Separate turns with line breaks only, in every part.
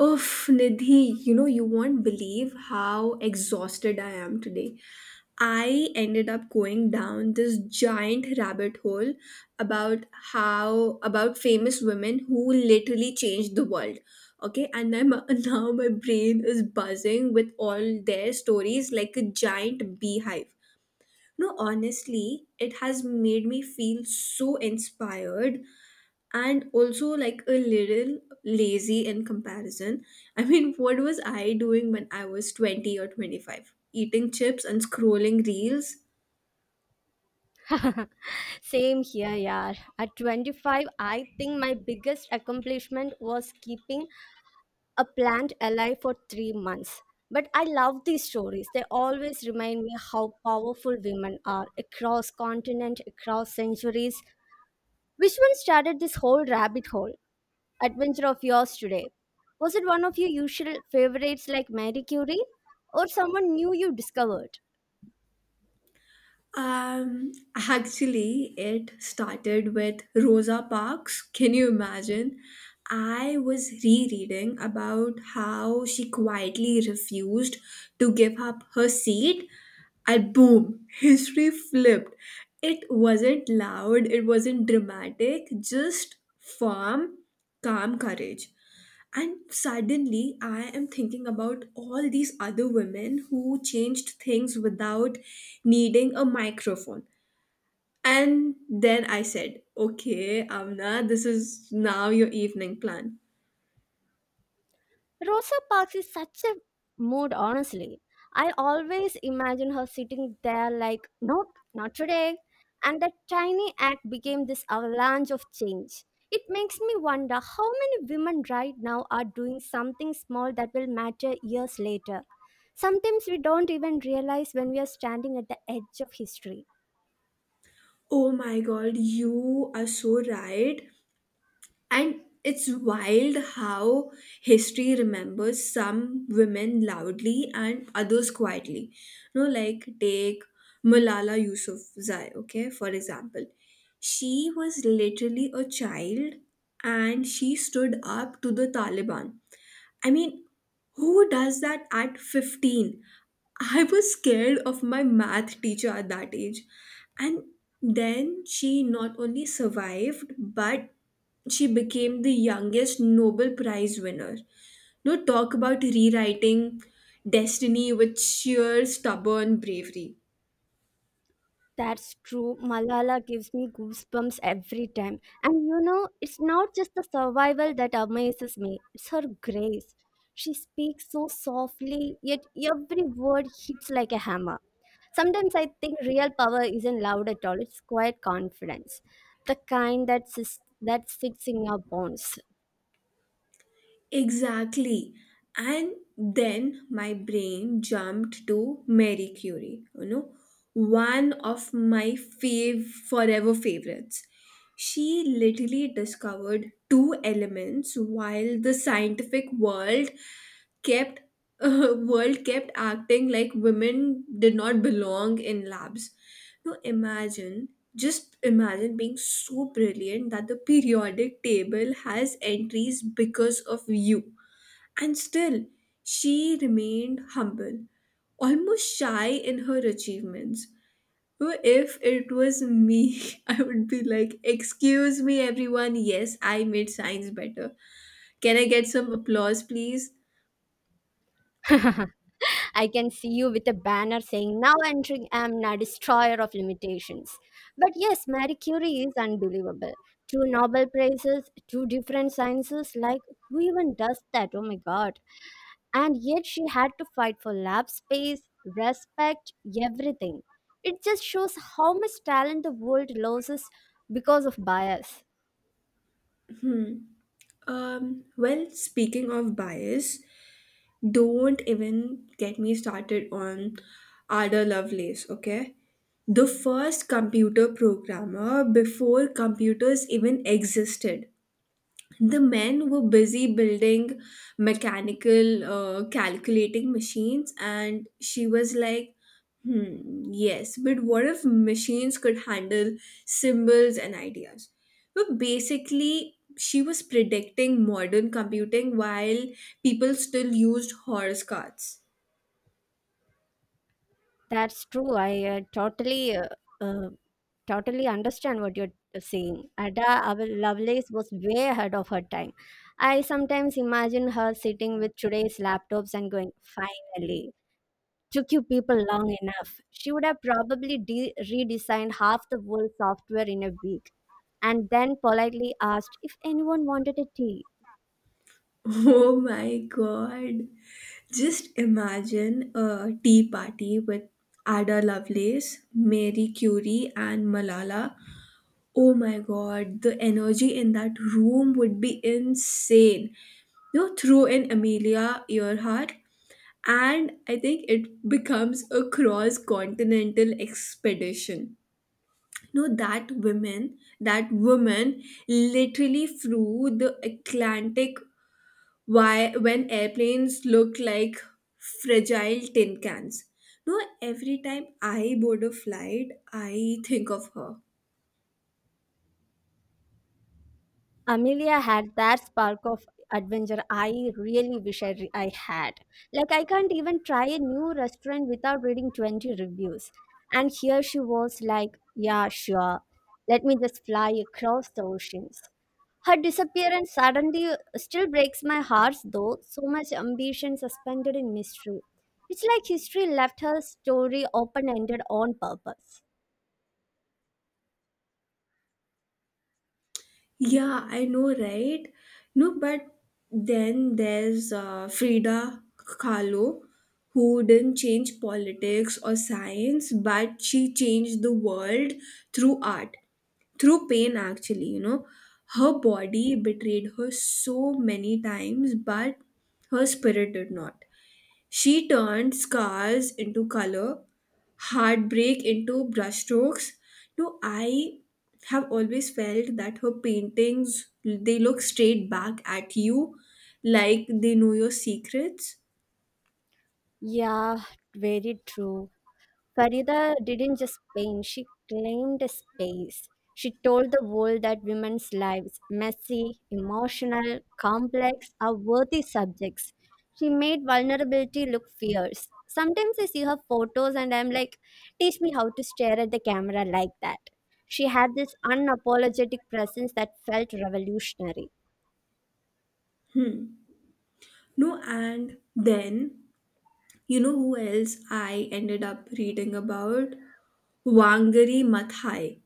Oof, Nidhi, you know, you won't believe how exhausted I am today. I ended up going down this giant rabbit hole about about famous women who literally changed the world. Okay, now my brain is buzzing with all their stories like a giant beehive. No, honestly, it has made me feel so inspired and also like a little lazy in comparison. I mean, what was I doing when I was 20 or 25? Eating chips and scrolling reels?
Same here, yeah. At 25, I think my biggest accomplishment was keeping a plant alive for 3 months. But I love these stories. They always remind me how powerful women are across continent, across centuries. Which one started this whole rabbit hole adventure of yours today? Was it one of your usual favorites like Mary Curie, or someone new you discovered?
Actually, it started with Rosa Parks. Can you imagine? I was rereading about how she quietly refused to give up her seat, and boom, history flipped. It wasn't loud, it wasn't dramatic, just firm, calm courage. And suddenly, I am thinking about all these other women who changed things without needing a microphone. And then I said, okay, Amna, this is now your evening plan.
Rosa Parks is such a mood, honestly. I always imagine her sitting there like, nope, not today. And that tiny act became this avalanche of change. It makes me wonder how many women right now are doing something small that will matter years later. Sometimes we don't even realize when we are standing at the edge of history.
Oh my god, you are so right. And it's wild how history remembers some women loudly and others quietly. You know, like take Malala Yousafzai, okay, for example. She was literally a child and she stood up to the Taliban. I mean, who does that at 15? I was scared of my math teacher at that age. And then she not only survived, but she became the youngest Nobel Prize winner. No, talk about rewriting destiny with sheer stubborn bravery.
That's true. Malala gives me goosebumps every time. And you know, it's not just the survival that amazes me, it's her grace. She speaks so softly, yet every word hits like a hammer. Sometimes I think real power isn't loud at all, it's quiet confidence. The kind that, that sits in your bones.
Exactly. And then my brain jumped to Marie Curie, you know, one of my forever favorites. She literally discovered two elements while the scientific world kept world kept acting like women did not belong in labs. Now imagine, just imagine being so brilliant that the periodic table has entries because of you. And still, she remained humble, almost shy in her achievements. Now, if it was me, I would be like, excuse me, everyone, yes, I made science better. Can I get some applause, please?
I can see you with a banner saying, Now entering Amna, destroyer of limitations. But yes, Marie Curie is unbelievable. Two Nobel Prizes, two different sciences. Like, who even does that? Oh my God. And yet she had to fight for lab space, respect, everything. It just shows how much talent the world loses because of bias.
Hmm. Well, speaking of bias, don't even get me started on Ada Lovelace, okay? The first computer programmer before computers even existed. The men were busy building mechanical calculating machines, and she was like, hmm, yes, but what if machines could handle symbols and ideas? But basically, she was predicting modern computing while people still used horse carts.
That's true. I uh, totally understand what you're saying. Lovelace was way ahead of her time. I sometimes imagine her sitting with today's laptops and going, "Finally, took you people long enough." She would have probably redesigned half the world software in a week, and then politely asked if anyone wanted a tea.
Oh my god, just imagine a tea party with Ada Lovelace, Mary Curie, and Malala. Oh my god, the energy in that room would be insane. You throw in Amelia Earhart, and I think it becomes a cross continental expedition. No, that woman literally flew the Atlantic. Why, when airplanes look like fragile tin cans? No, every time I board a flight, I think of her.
Amelia had that spark of adventure I really wish I had. Like, I can't even try a new restaurant without reading 20 reviews. And here she was like, yeah, sure. Let me just fly across the oceans. Her disappearance suddenly still breaks my heart, though. So much ambition suspended in mystery. It's like history left her story open ended on purpose.
Yeah, I know, right? No, but then there's Frida Kahlo, who didn't change politics or science, but she changed the world through art, through pain, actually. Her body betrayed her so many times, but her spirit did not. She turned scars into color, heartbreak into brushstrokes. No, I have always felt that her paintings, they look straight back at you like they know your secrets.
Yeah, very true. Farida didn't just paint, she claimed a space. She told the world that women's lives, messy, emotional, complex, are worthy subjects. She made vulnerability look fierce. Sometimes I see her photos and I'm like, teach me how to stare at the camera like that. She had this unapologetic presence that felt revolutionary.
No, and then you know who else I ended up reading about? Wangari Maathai.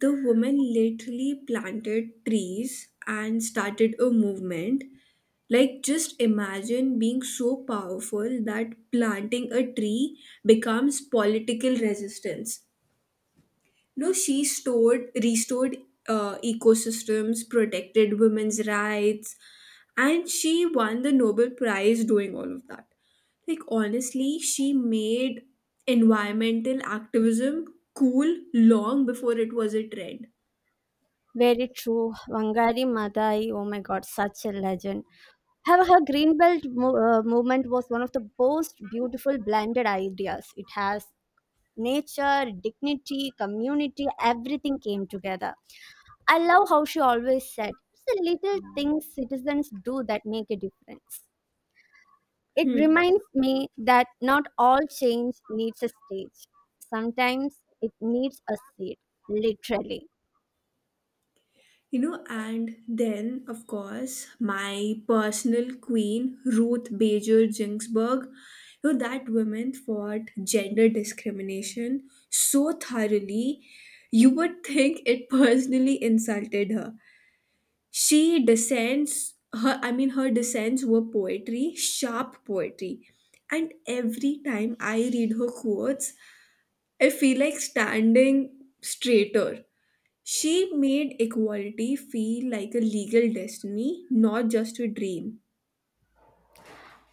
The woman literally planted trees and started a movement. Like, just imagine being so powerful that planting a tree becomes political resistance. No, she restored ecosystems, protected women's rights, and she won the Nobel Prize doing all of that. Like, honestly, she made environmental activism cool long before it was a trend.
Very true. Wangari Maathai, oh my god, such a legend. However, her Greenbelt movement was one of the most beautiful blended ideas. It has nature, dignity, community, everything came together. I love how she always said, it's the little things citizens do that make a difference. It
Hmm.
reminds me that not all change needs a stage. Sometimes it needs a seed, literally.
You know, and then, of course, my personal queen, Ruth Bader Ginsburg, that woman fought gender discrimination so thoroughly, you would think it personally insulted her. I mean, her descents were poetry, sharp poetry. And every time I read her quotes, I feel like standing straighter. She made equality feel like a legal destiny, not just a dream.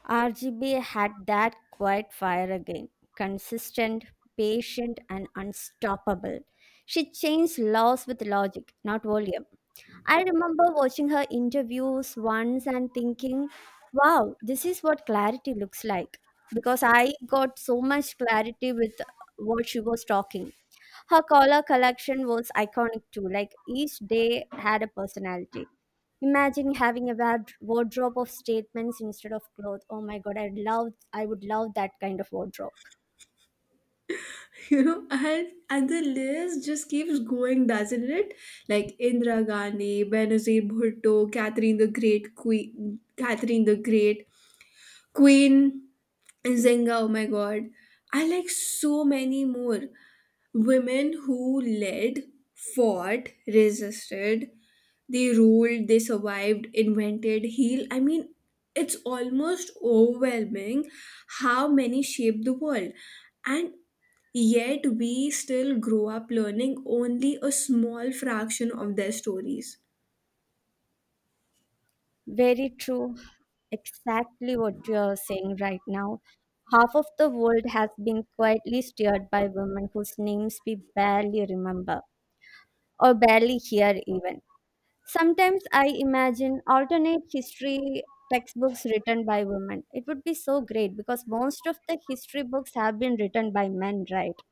RGB had that quiet fire again, consistent, patient, and unstoppable. She changed laws with logic, not volume. I remember watching her interviews once and thinking, wow, this is what clarity looks like. Because I got so much clarity with what she was talking. Her color collection was iconic too, like each day had a personality. Imagine having a wardrobe of statements instead of clothes. Oh my god, I would love that kind of wardrobe.
You know, and the list just keeps going, doesn't it? Like Indira Gandhi, Benazir Bhutto, Catherine the Great, Queen Zenga, oh my god. I like so many more. Women who led, fought, resisted, they ruled, they survived, invented, healed. I mean, it's almost overwhelming how many shaped the world. And yet, we still grow up learning only a small fraction of their stories.
Very true. Exactly what you're saying right now. Half of the world has been quietly steered by women whose names we barely remember or barely hear, even. Sometimes I imagine alternate history textbooks written by women. It would be so great because most of the history books have been written by men, right?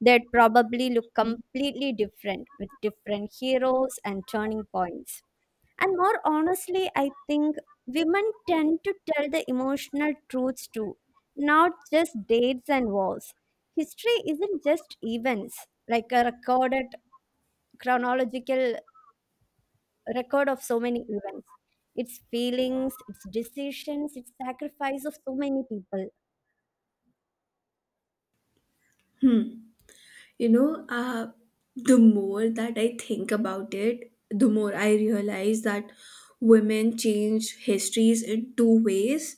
They'd probably look completely different with different heroes and turning points. And more honestly, I think women tend to tell the emotional truths too, not just dates and wars. History isn't just events, like a recorded chronological record of so many events. It's feelings, it's decisions, it's sacrifice of so many people.
Hmm. You know, the more that I think about it, the more I realize that women change histories in two ways.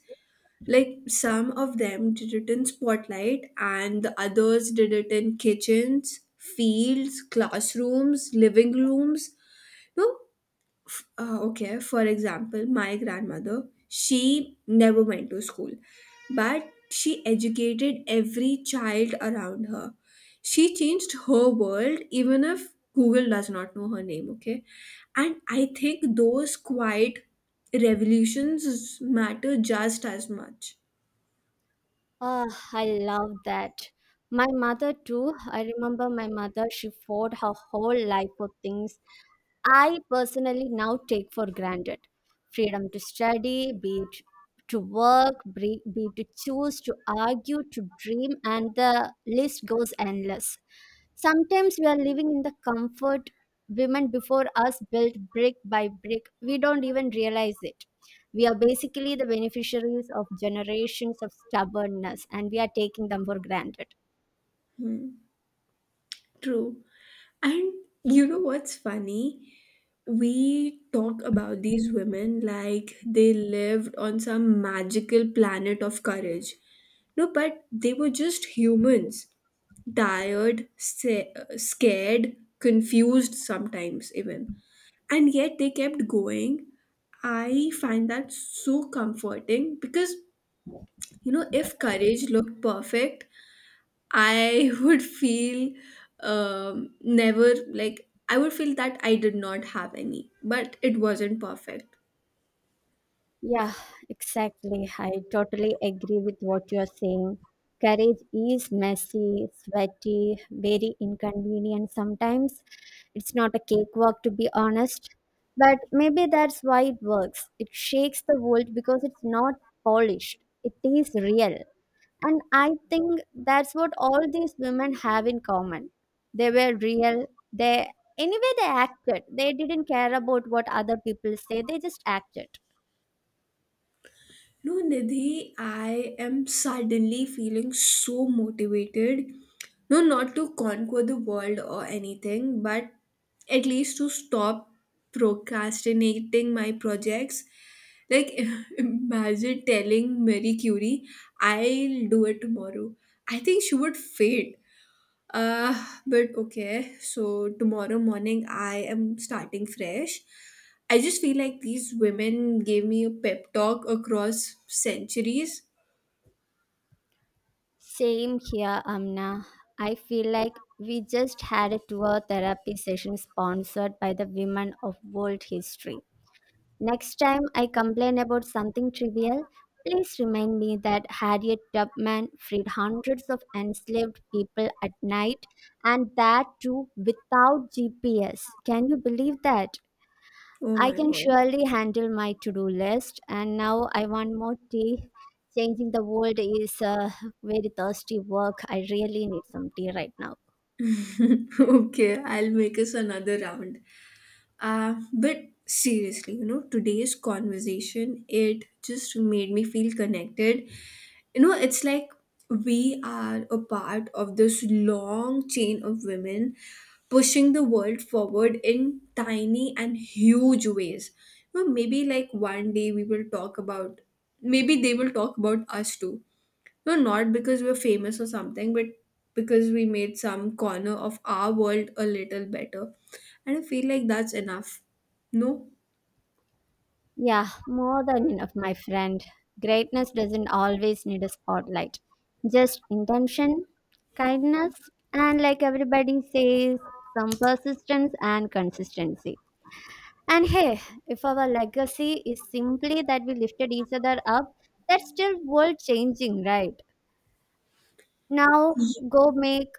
Like some of them did it in spotlight, and the others did it in kitchens, fields, classrooms, living rooms. No, okay. For example, my grandmother, she never went to school, but she educated every child around her. She changed her world, even if Google does not know her name. Okay, and I think those quiet revolutions matter just as much.
Ah, I love that. My mother too. I remember my mother, she fought her whole life for things I personally now take for granted. Freedom to study, be it to work, be it to choose, to argue, to dream, and the list goes endless. Sometimes we are living in the comfort women before us built brick by brick. We don't even realize it. We are basically the beneficiaries of generations of stubbornness and we are taking them for granted.
Hmm. True. And you know what's funny? We talk about these women like they lived on some magical planet of courage. No, but they were just humans, tired, scared, confused sometimes, even. And yet they kept going. I find that so comforting because, you know, if courage looked perfect, I would feel never, like I would feel that I did not have any, but it wasn't perfect.
Yeah, exactly. I totally agree with what you're saying. Courage is messy, sweaty, very inconvenient sometimes. It's not a cakewalk, to be honest. But maybe that's why it works. It shakes the world because it's not polished, it is real. And I think that's what all these women have in common. They were real. They, they acted. They didn't care about what other people say, they just acted.
No, Nidhi, I am suddenly feeling so motivated. No, not to conquer the world or anything, but at least to stop procrastinating my projects. Like, imagine telling Marie Curie, I'll do it tomorrow. I think she would faint. Uh, but okay, so tomorrow morning I am starting fresh. I just feel like these women gave me a pep talk across centuries.
Same here, Amna. I feel like we just had a tour therapy session sponsored by the women of world history. Next time I complain about something trivial, please remind me that Harriet Tubman freed hundreds of enslaved people at night and that too without GPS. Can you believe that?
Oh
I
my
can
god.
surely handle my to do list, and now I want more tea. Changing the world is very thirsty work. I really need some tea right now.
Okay, I'll make us another round. But seriously, you know, today's conversation, it just made me feel connected. You know, it's like we are a part of this long chain of women pushing the world forward in tiny and huge ways. You know, maybe like one day we will talk about, maybe they will talk about us too. No, not because we're famous or something, but because we made some corner of our world a little better. And I feel like that's enough. No?
Yeah, more than enough, my friend. Greatness doesn't always need a spotlight, just intention, kindness, and like everybody says, some persistence and consistency. And hey, if our legacy is simply that we lifted each other up, that's still world changing, right? Now go make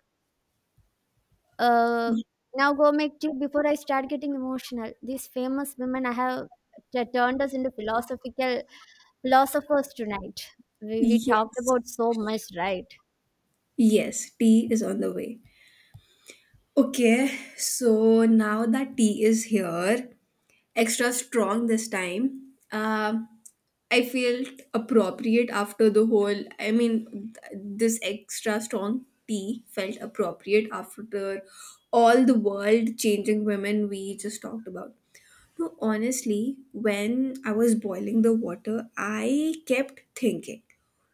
uh now go make tea before I start getting emotional. These famous women I have t- turned us into philosophical philosophers tonight. We talked
Yes.
about so much, right?
Yes, tea is on the way. Okay, so now that tea is here, extra strong this time. I felt appropriate after the whole. I mean, this extra strong tea felt appropriate after all the world changing women we just talked about. No, honestly, when I was boiling the water, I kept thinking,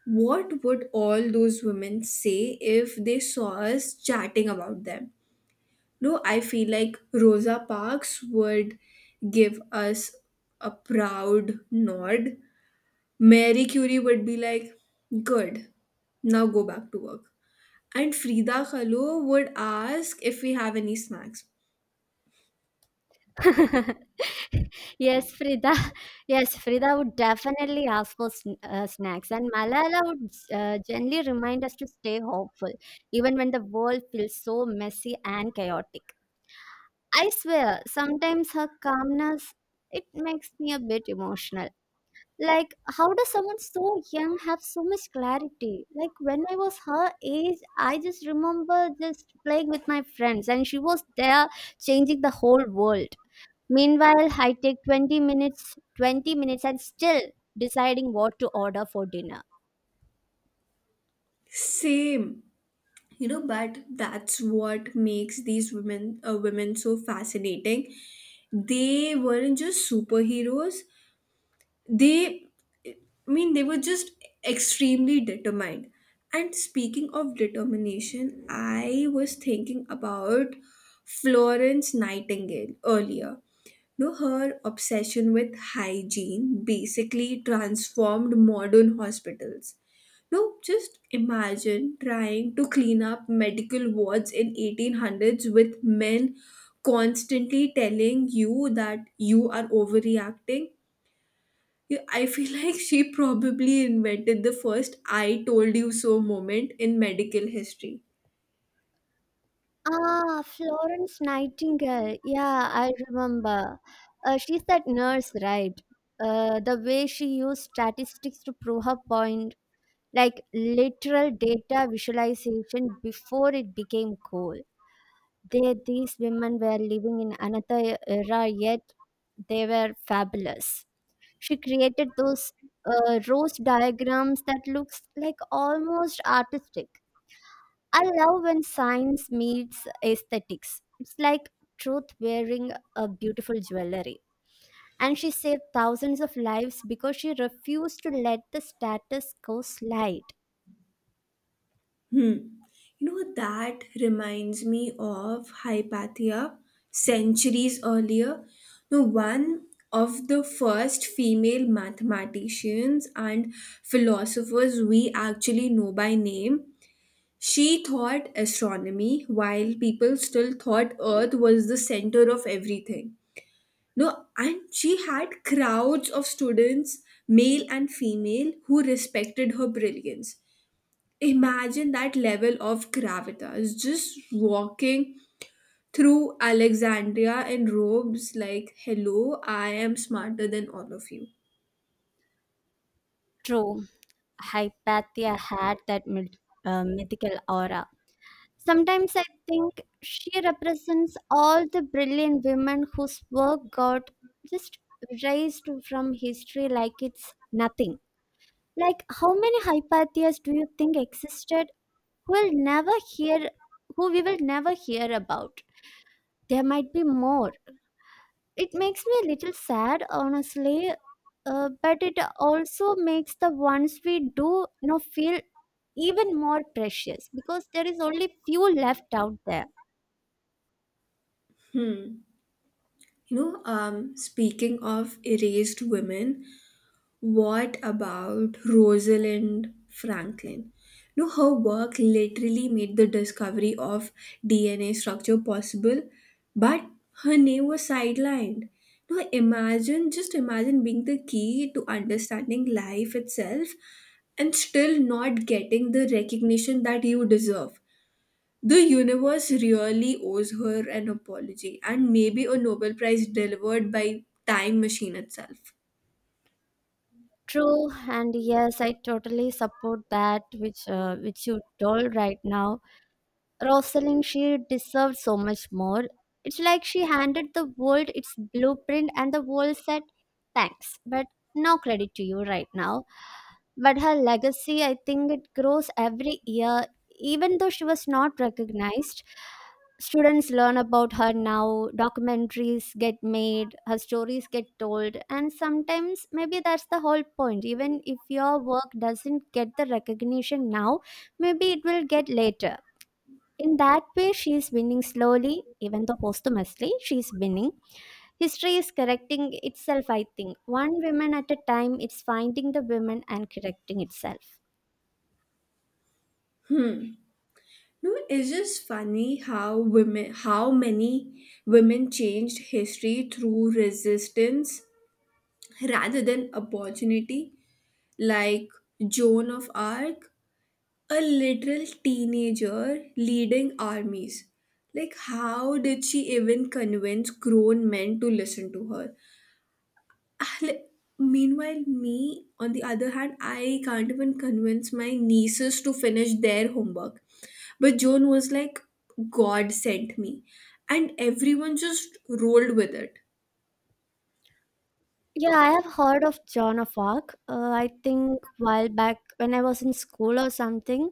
what would all those women say if they saw us chatting about them? No, I feel like Rosa Parks would give us a proud nod. Mary Curie would be like, good, now go back to work. And Frida Kahlo would ask if we have any snacks.
yes, Frida. Yes, Frida would definitely ask for snacks, and Malala would gently remind us to stay hopeful, even when the world feels so messy and chaotic. I swear, sometimes her calmness it makes me a bit emotional. Like, how does someone so young have so much clarity? Like, when I was her age, I just remember just playing with my friends, and she was there changing the whole world. Meanwhile, I take 20 minutes, 20 minutes and still deciding what to order for dinner.
Same, you know, but that's what makes these women so fascinating. They weren't just superheroes, they I mean, they were just extremely determined. And speaking of determination, I was thinking about Florence Nightingale earlier. You know, her obsession with hygiene basically transformed modern hospitals. No, just imagine trying to clean up medical wards in 1800s with men constantly telling you that you are overreacting. Yeah, I feel like she probably invented the first I told you so moment in medical history.
Ah, Florence Nightingale. Yeah, I remember. She's that nurse, right? The way she used statistics to prove her point, like literal data visualization before it became cool. These women were living in another era, yet they were fabulous. She created those rose diagrams that looks like almost artistic. I love when science meets aesthetics. It's like truth wearing a beautiful jewelry. And she saved thousands of lives because she refused to let the status quo slide.
Hmm. You know, that reminds me of Hypatia centuries earlier. No, one of the first female mathematicians and philosophers we actually know by name. She thought astronomy while people still thought Earth was the center of everything. No, and she had crowds of students, male and female, who respected her brilliance. Imagine that level of gravitas just walking through Alexandria in robes like, hello, I am smarter than all of you.
True, Hypatia had that mythical aura. Sometimes I think she represents all the brilliant women whose work got just raised from history like it's nothing. Like, how many Hypathias do you think existed who will never hear, who we will never hear about? There might be more. It makes me a little sad, honestly, but it also makes the ones we do know feel even more precious because there is only few left out there.
You know, speaking of erased women, what about Rosalind Franklin? No, her work literally made the discovery of DNA structure possible, but her name was sidelined. No, imagine, just imagine being the key to understanding life itself and still not getting the recognition that you deserve. The universe really owes her an apology and maybe a Nobel Prize delivered by time machine itself.
True, and yes, I totally support that which you told right now. Rosalind, she deserved so much more. It's like she handed the world its blueprint and the world said, thanks, but no credit to you right now. But her legacy, I think it grows every year. Even though she was not recognized, students learn about her now, documentaries get made, her stories get told, and sometimes maybe that's the whole point. Even if your work doesn't get the recognition now, maybe it will get later. In that way, she is winning slowly, even though posthumously, she is winning. History is correcting itself, I think. One woman at a time, it's finding the women and correcting itself.
Hmm. No, it's just funny how how many women changed history through resistance rather than opportunity. Like Joan of Arc, a literal teenager leading armies. Like, how did she even convince grown men to listen to her? Like, meanwhile, me, on the other hand, I can't even convince my nieces to finish their homework. But Joan was like, God sent me. And everyone just rolled with it.
Yeah, I have heard of Joan of Arc. I think while back when I was in school or something,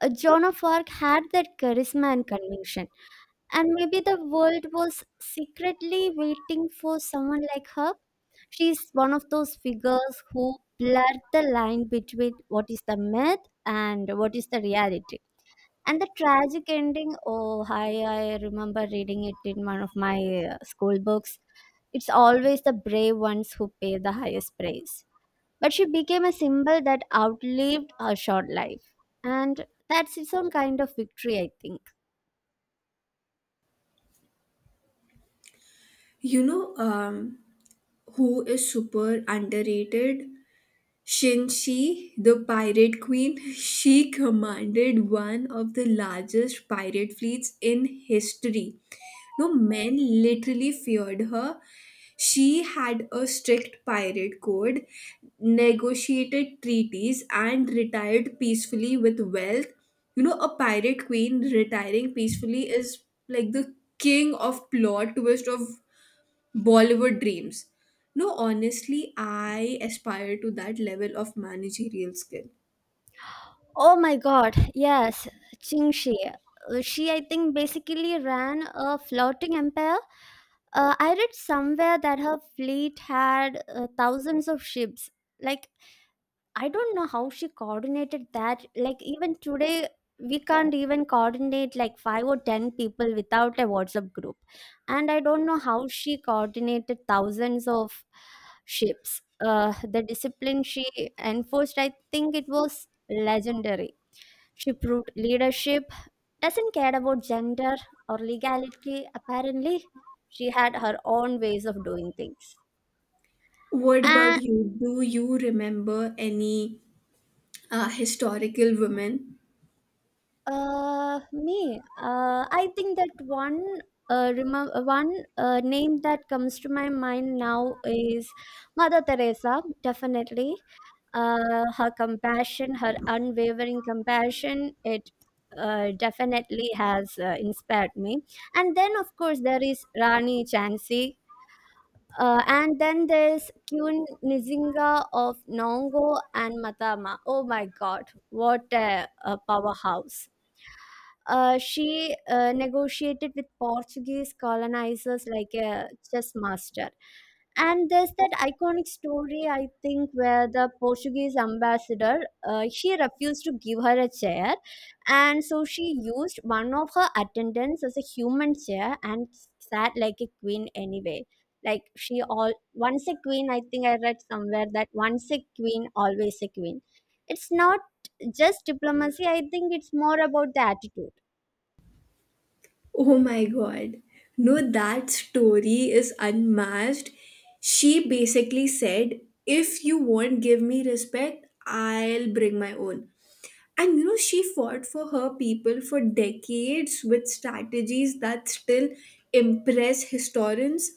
Joan of Arc had that charisma and conviction. And maybe the world was secretly waiting for someone like her. She's one of those figures who blur the line between what is the myth and what is the reality. And the tragic ending, oh, hi, I remember reading it in one of my school books. It's always the brave ones who pay the highest price. But she became a symbol that outlived her short life. And that's its own kind of victory, I think.
You know, who is super underrated? Shinshi, the pirate queen. She commanded one of the largest pirate fleets in history. No, men literally feared her. She had a strict pirate code, negotiated treaties, and retired peacefully with wealth. You know, a pirate queen retiring peacefully is like the king of plot twist of Bollywood dreams. No, honestly, I aspire to that level of managerial skill.
Oh my God, yes, Qin Shi. She, I think, basically ran a floating empire. I read somewhere that her fleet had thousands of ships. Like, I don't know how she coordinated that. Like, even today, we can't even coordinate like five or ten people without a WhatsApp group. And I don't know how she coordinated thousands of ships. The discipline she enforced, I think it was legendary. She proved leadership doesn't care about gender or legality, apparently. She had her own ways of doing things.
What about
And
you? Do you remember any historical women?
I think that one. One name that comes to my mind now is Mother Teresa, definitely. Her compassion, her unwavering compassion, it definitely has inspired me. And then, of course, there is Rani Chansey. And then there's Kyun Nizinga of Nongo and Matama. Oh my god, what a powerhouse! She negotiated with Portuguese colonizers like a chess master. And there's that iconic story, I think, where the Portuguese ambassador she refused to give her a chair, and so she used one of her attendants as a human chair and sat like a queen anyway. Like she all once a queen, I think I read somewhere that once a queen, always a queen. It's not just diplomacy. I think it's more about the attitude.
Oh my god. No, that story is unmatched. She basically said, if you won't give me respect, I'll bring my own. And you know, she fought for her people for decades with strategies that still impress historians.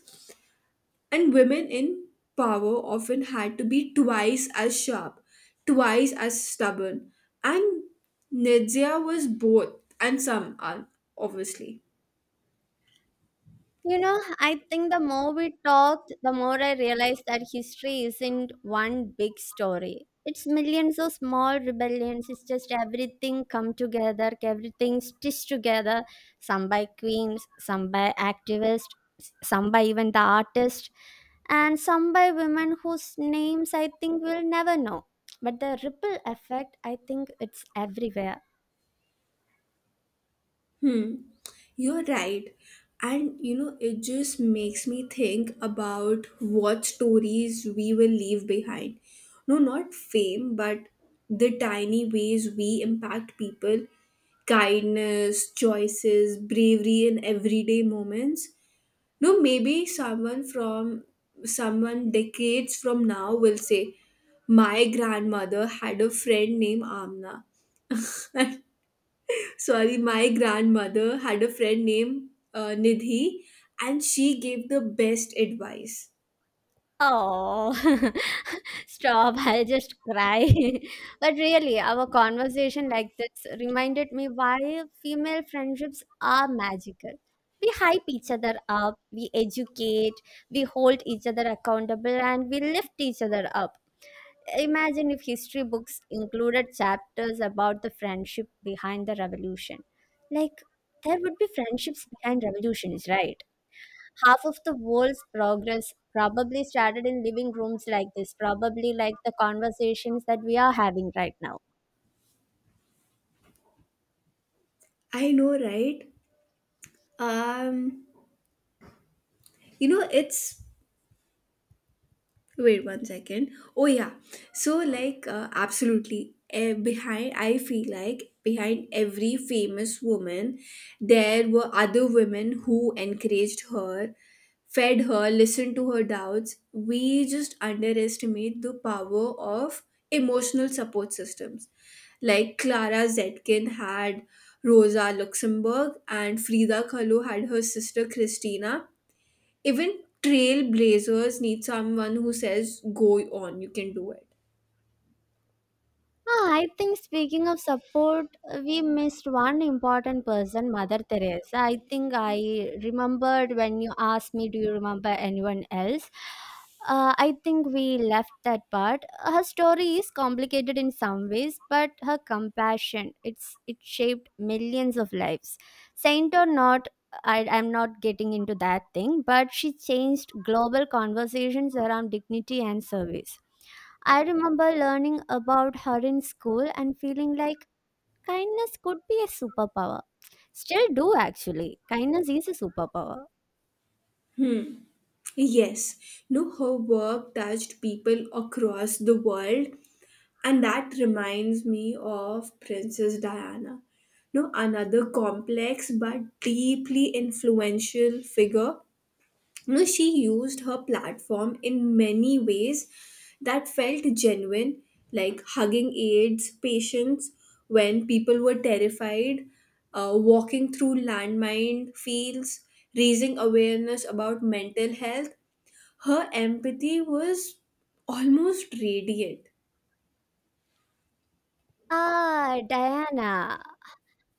And women in power often had to be twice as sharp, twice as stubborn. And Nidzia was both, and some are, obviously.
You know, I think the more we talked, the more I realized that history isn't one big story. It's millions of small rebellions. It's just everything come together, everything stitched together, some by queens, some by activists, some by even the artists, and some by women whose names I think we'll never know. But the ripple effect, I think it's everywhere.
Hmm, you're right. And you know, it just makes me think about what stories we will leave behind. No, not fame, but the tiny ways we impact people: kindness, choices, bravery in everyday moments. No, maybe someone decades from now will say, my grandmother had a friend named Amna. Sorry, my grandmother had a friend named Nidhi, and she gave the best advice.
Oh. Stop, I'll just cry. but really, our conversation like this reminded me why female friendships are magical. We hype each other up, we educate, we hold each other accountable, and we lift each other up. Imagine if history books included chapters about the friendship behind the revolution. Like, there would be friendships behind revolutions, right? Half of the world's progress probably started in living rooms like this, probably like the conversations that we are having right now.
I know, right? Um, you know, it's Wait one second. Oh yeah. So like absolutely, behind I feel like behind every famous woman there were other women who encouraged her, fed her, listened to her doubts. We just underestimate the power of emotional support systems. Like Clara Zetkin had Rosa Luxemburg, and Frida Kahlo had her sister Christina. Even trailblazers need someone who says, go on, you can do it.
Ah, I think speaking of support, we missed one important person, Mother Teresa. I think I remembered when you asked me, Do you remember anyone else? I think we left that part. Her story is complicated in some ways, but her compassion, it shaped millions of lives. Saint or not, I'm not getting into that thing, but she changed global conversations around dignity and service. I remember learning about her in school and feeling like kindness could be a superpower. Still do actually. Kindness is a superpower.
Yes, no, her work touched people across the world, and that reminds me of Princess Diana. No, another complex but deeply influential figure. You know, she used her platform in many ways that felt genuine, like hugging aids patients when people were terrified, walking through landmine fields, raising awareness about mental health. Her empathy was almost radiant.
Ah, Diana.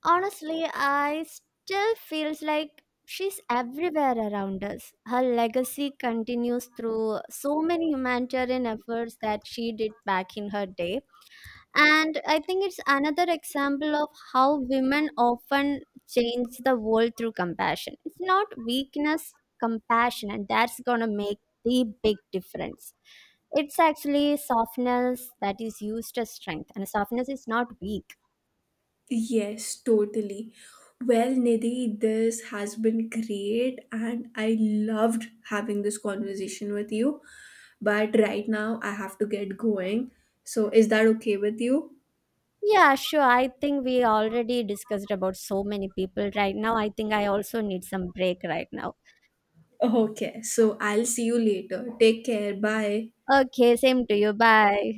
Honestly, I still feels like she's everywhere around us. Her legacy continues through so many humanitarian efforts that she did back in her day. And I think it's another example of how women often change the world through compassion. It's not weakness, compassion, and that's gonna make the big difference. It's actually softness that is used as strength, and softness is not weak.
Yes, totally. Well, Nidhi, this has been great, and I loved having this conversation with you. But right now, I have to get going. So, is that okay with you?
Yeah, sure. I think we already discussed about so many people right now. I think I also need some break right now.
Okay, so I'll see you later. Take care. Bye.
Okay, same to you. Bye.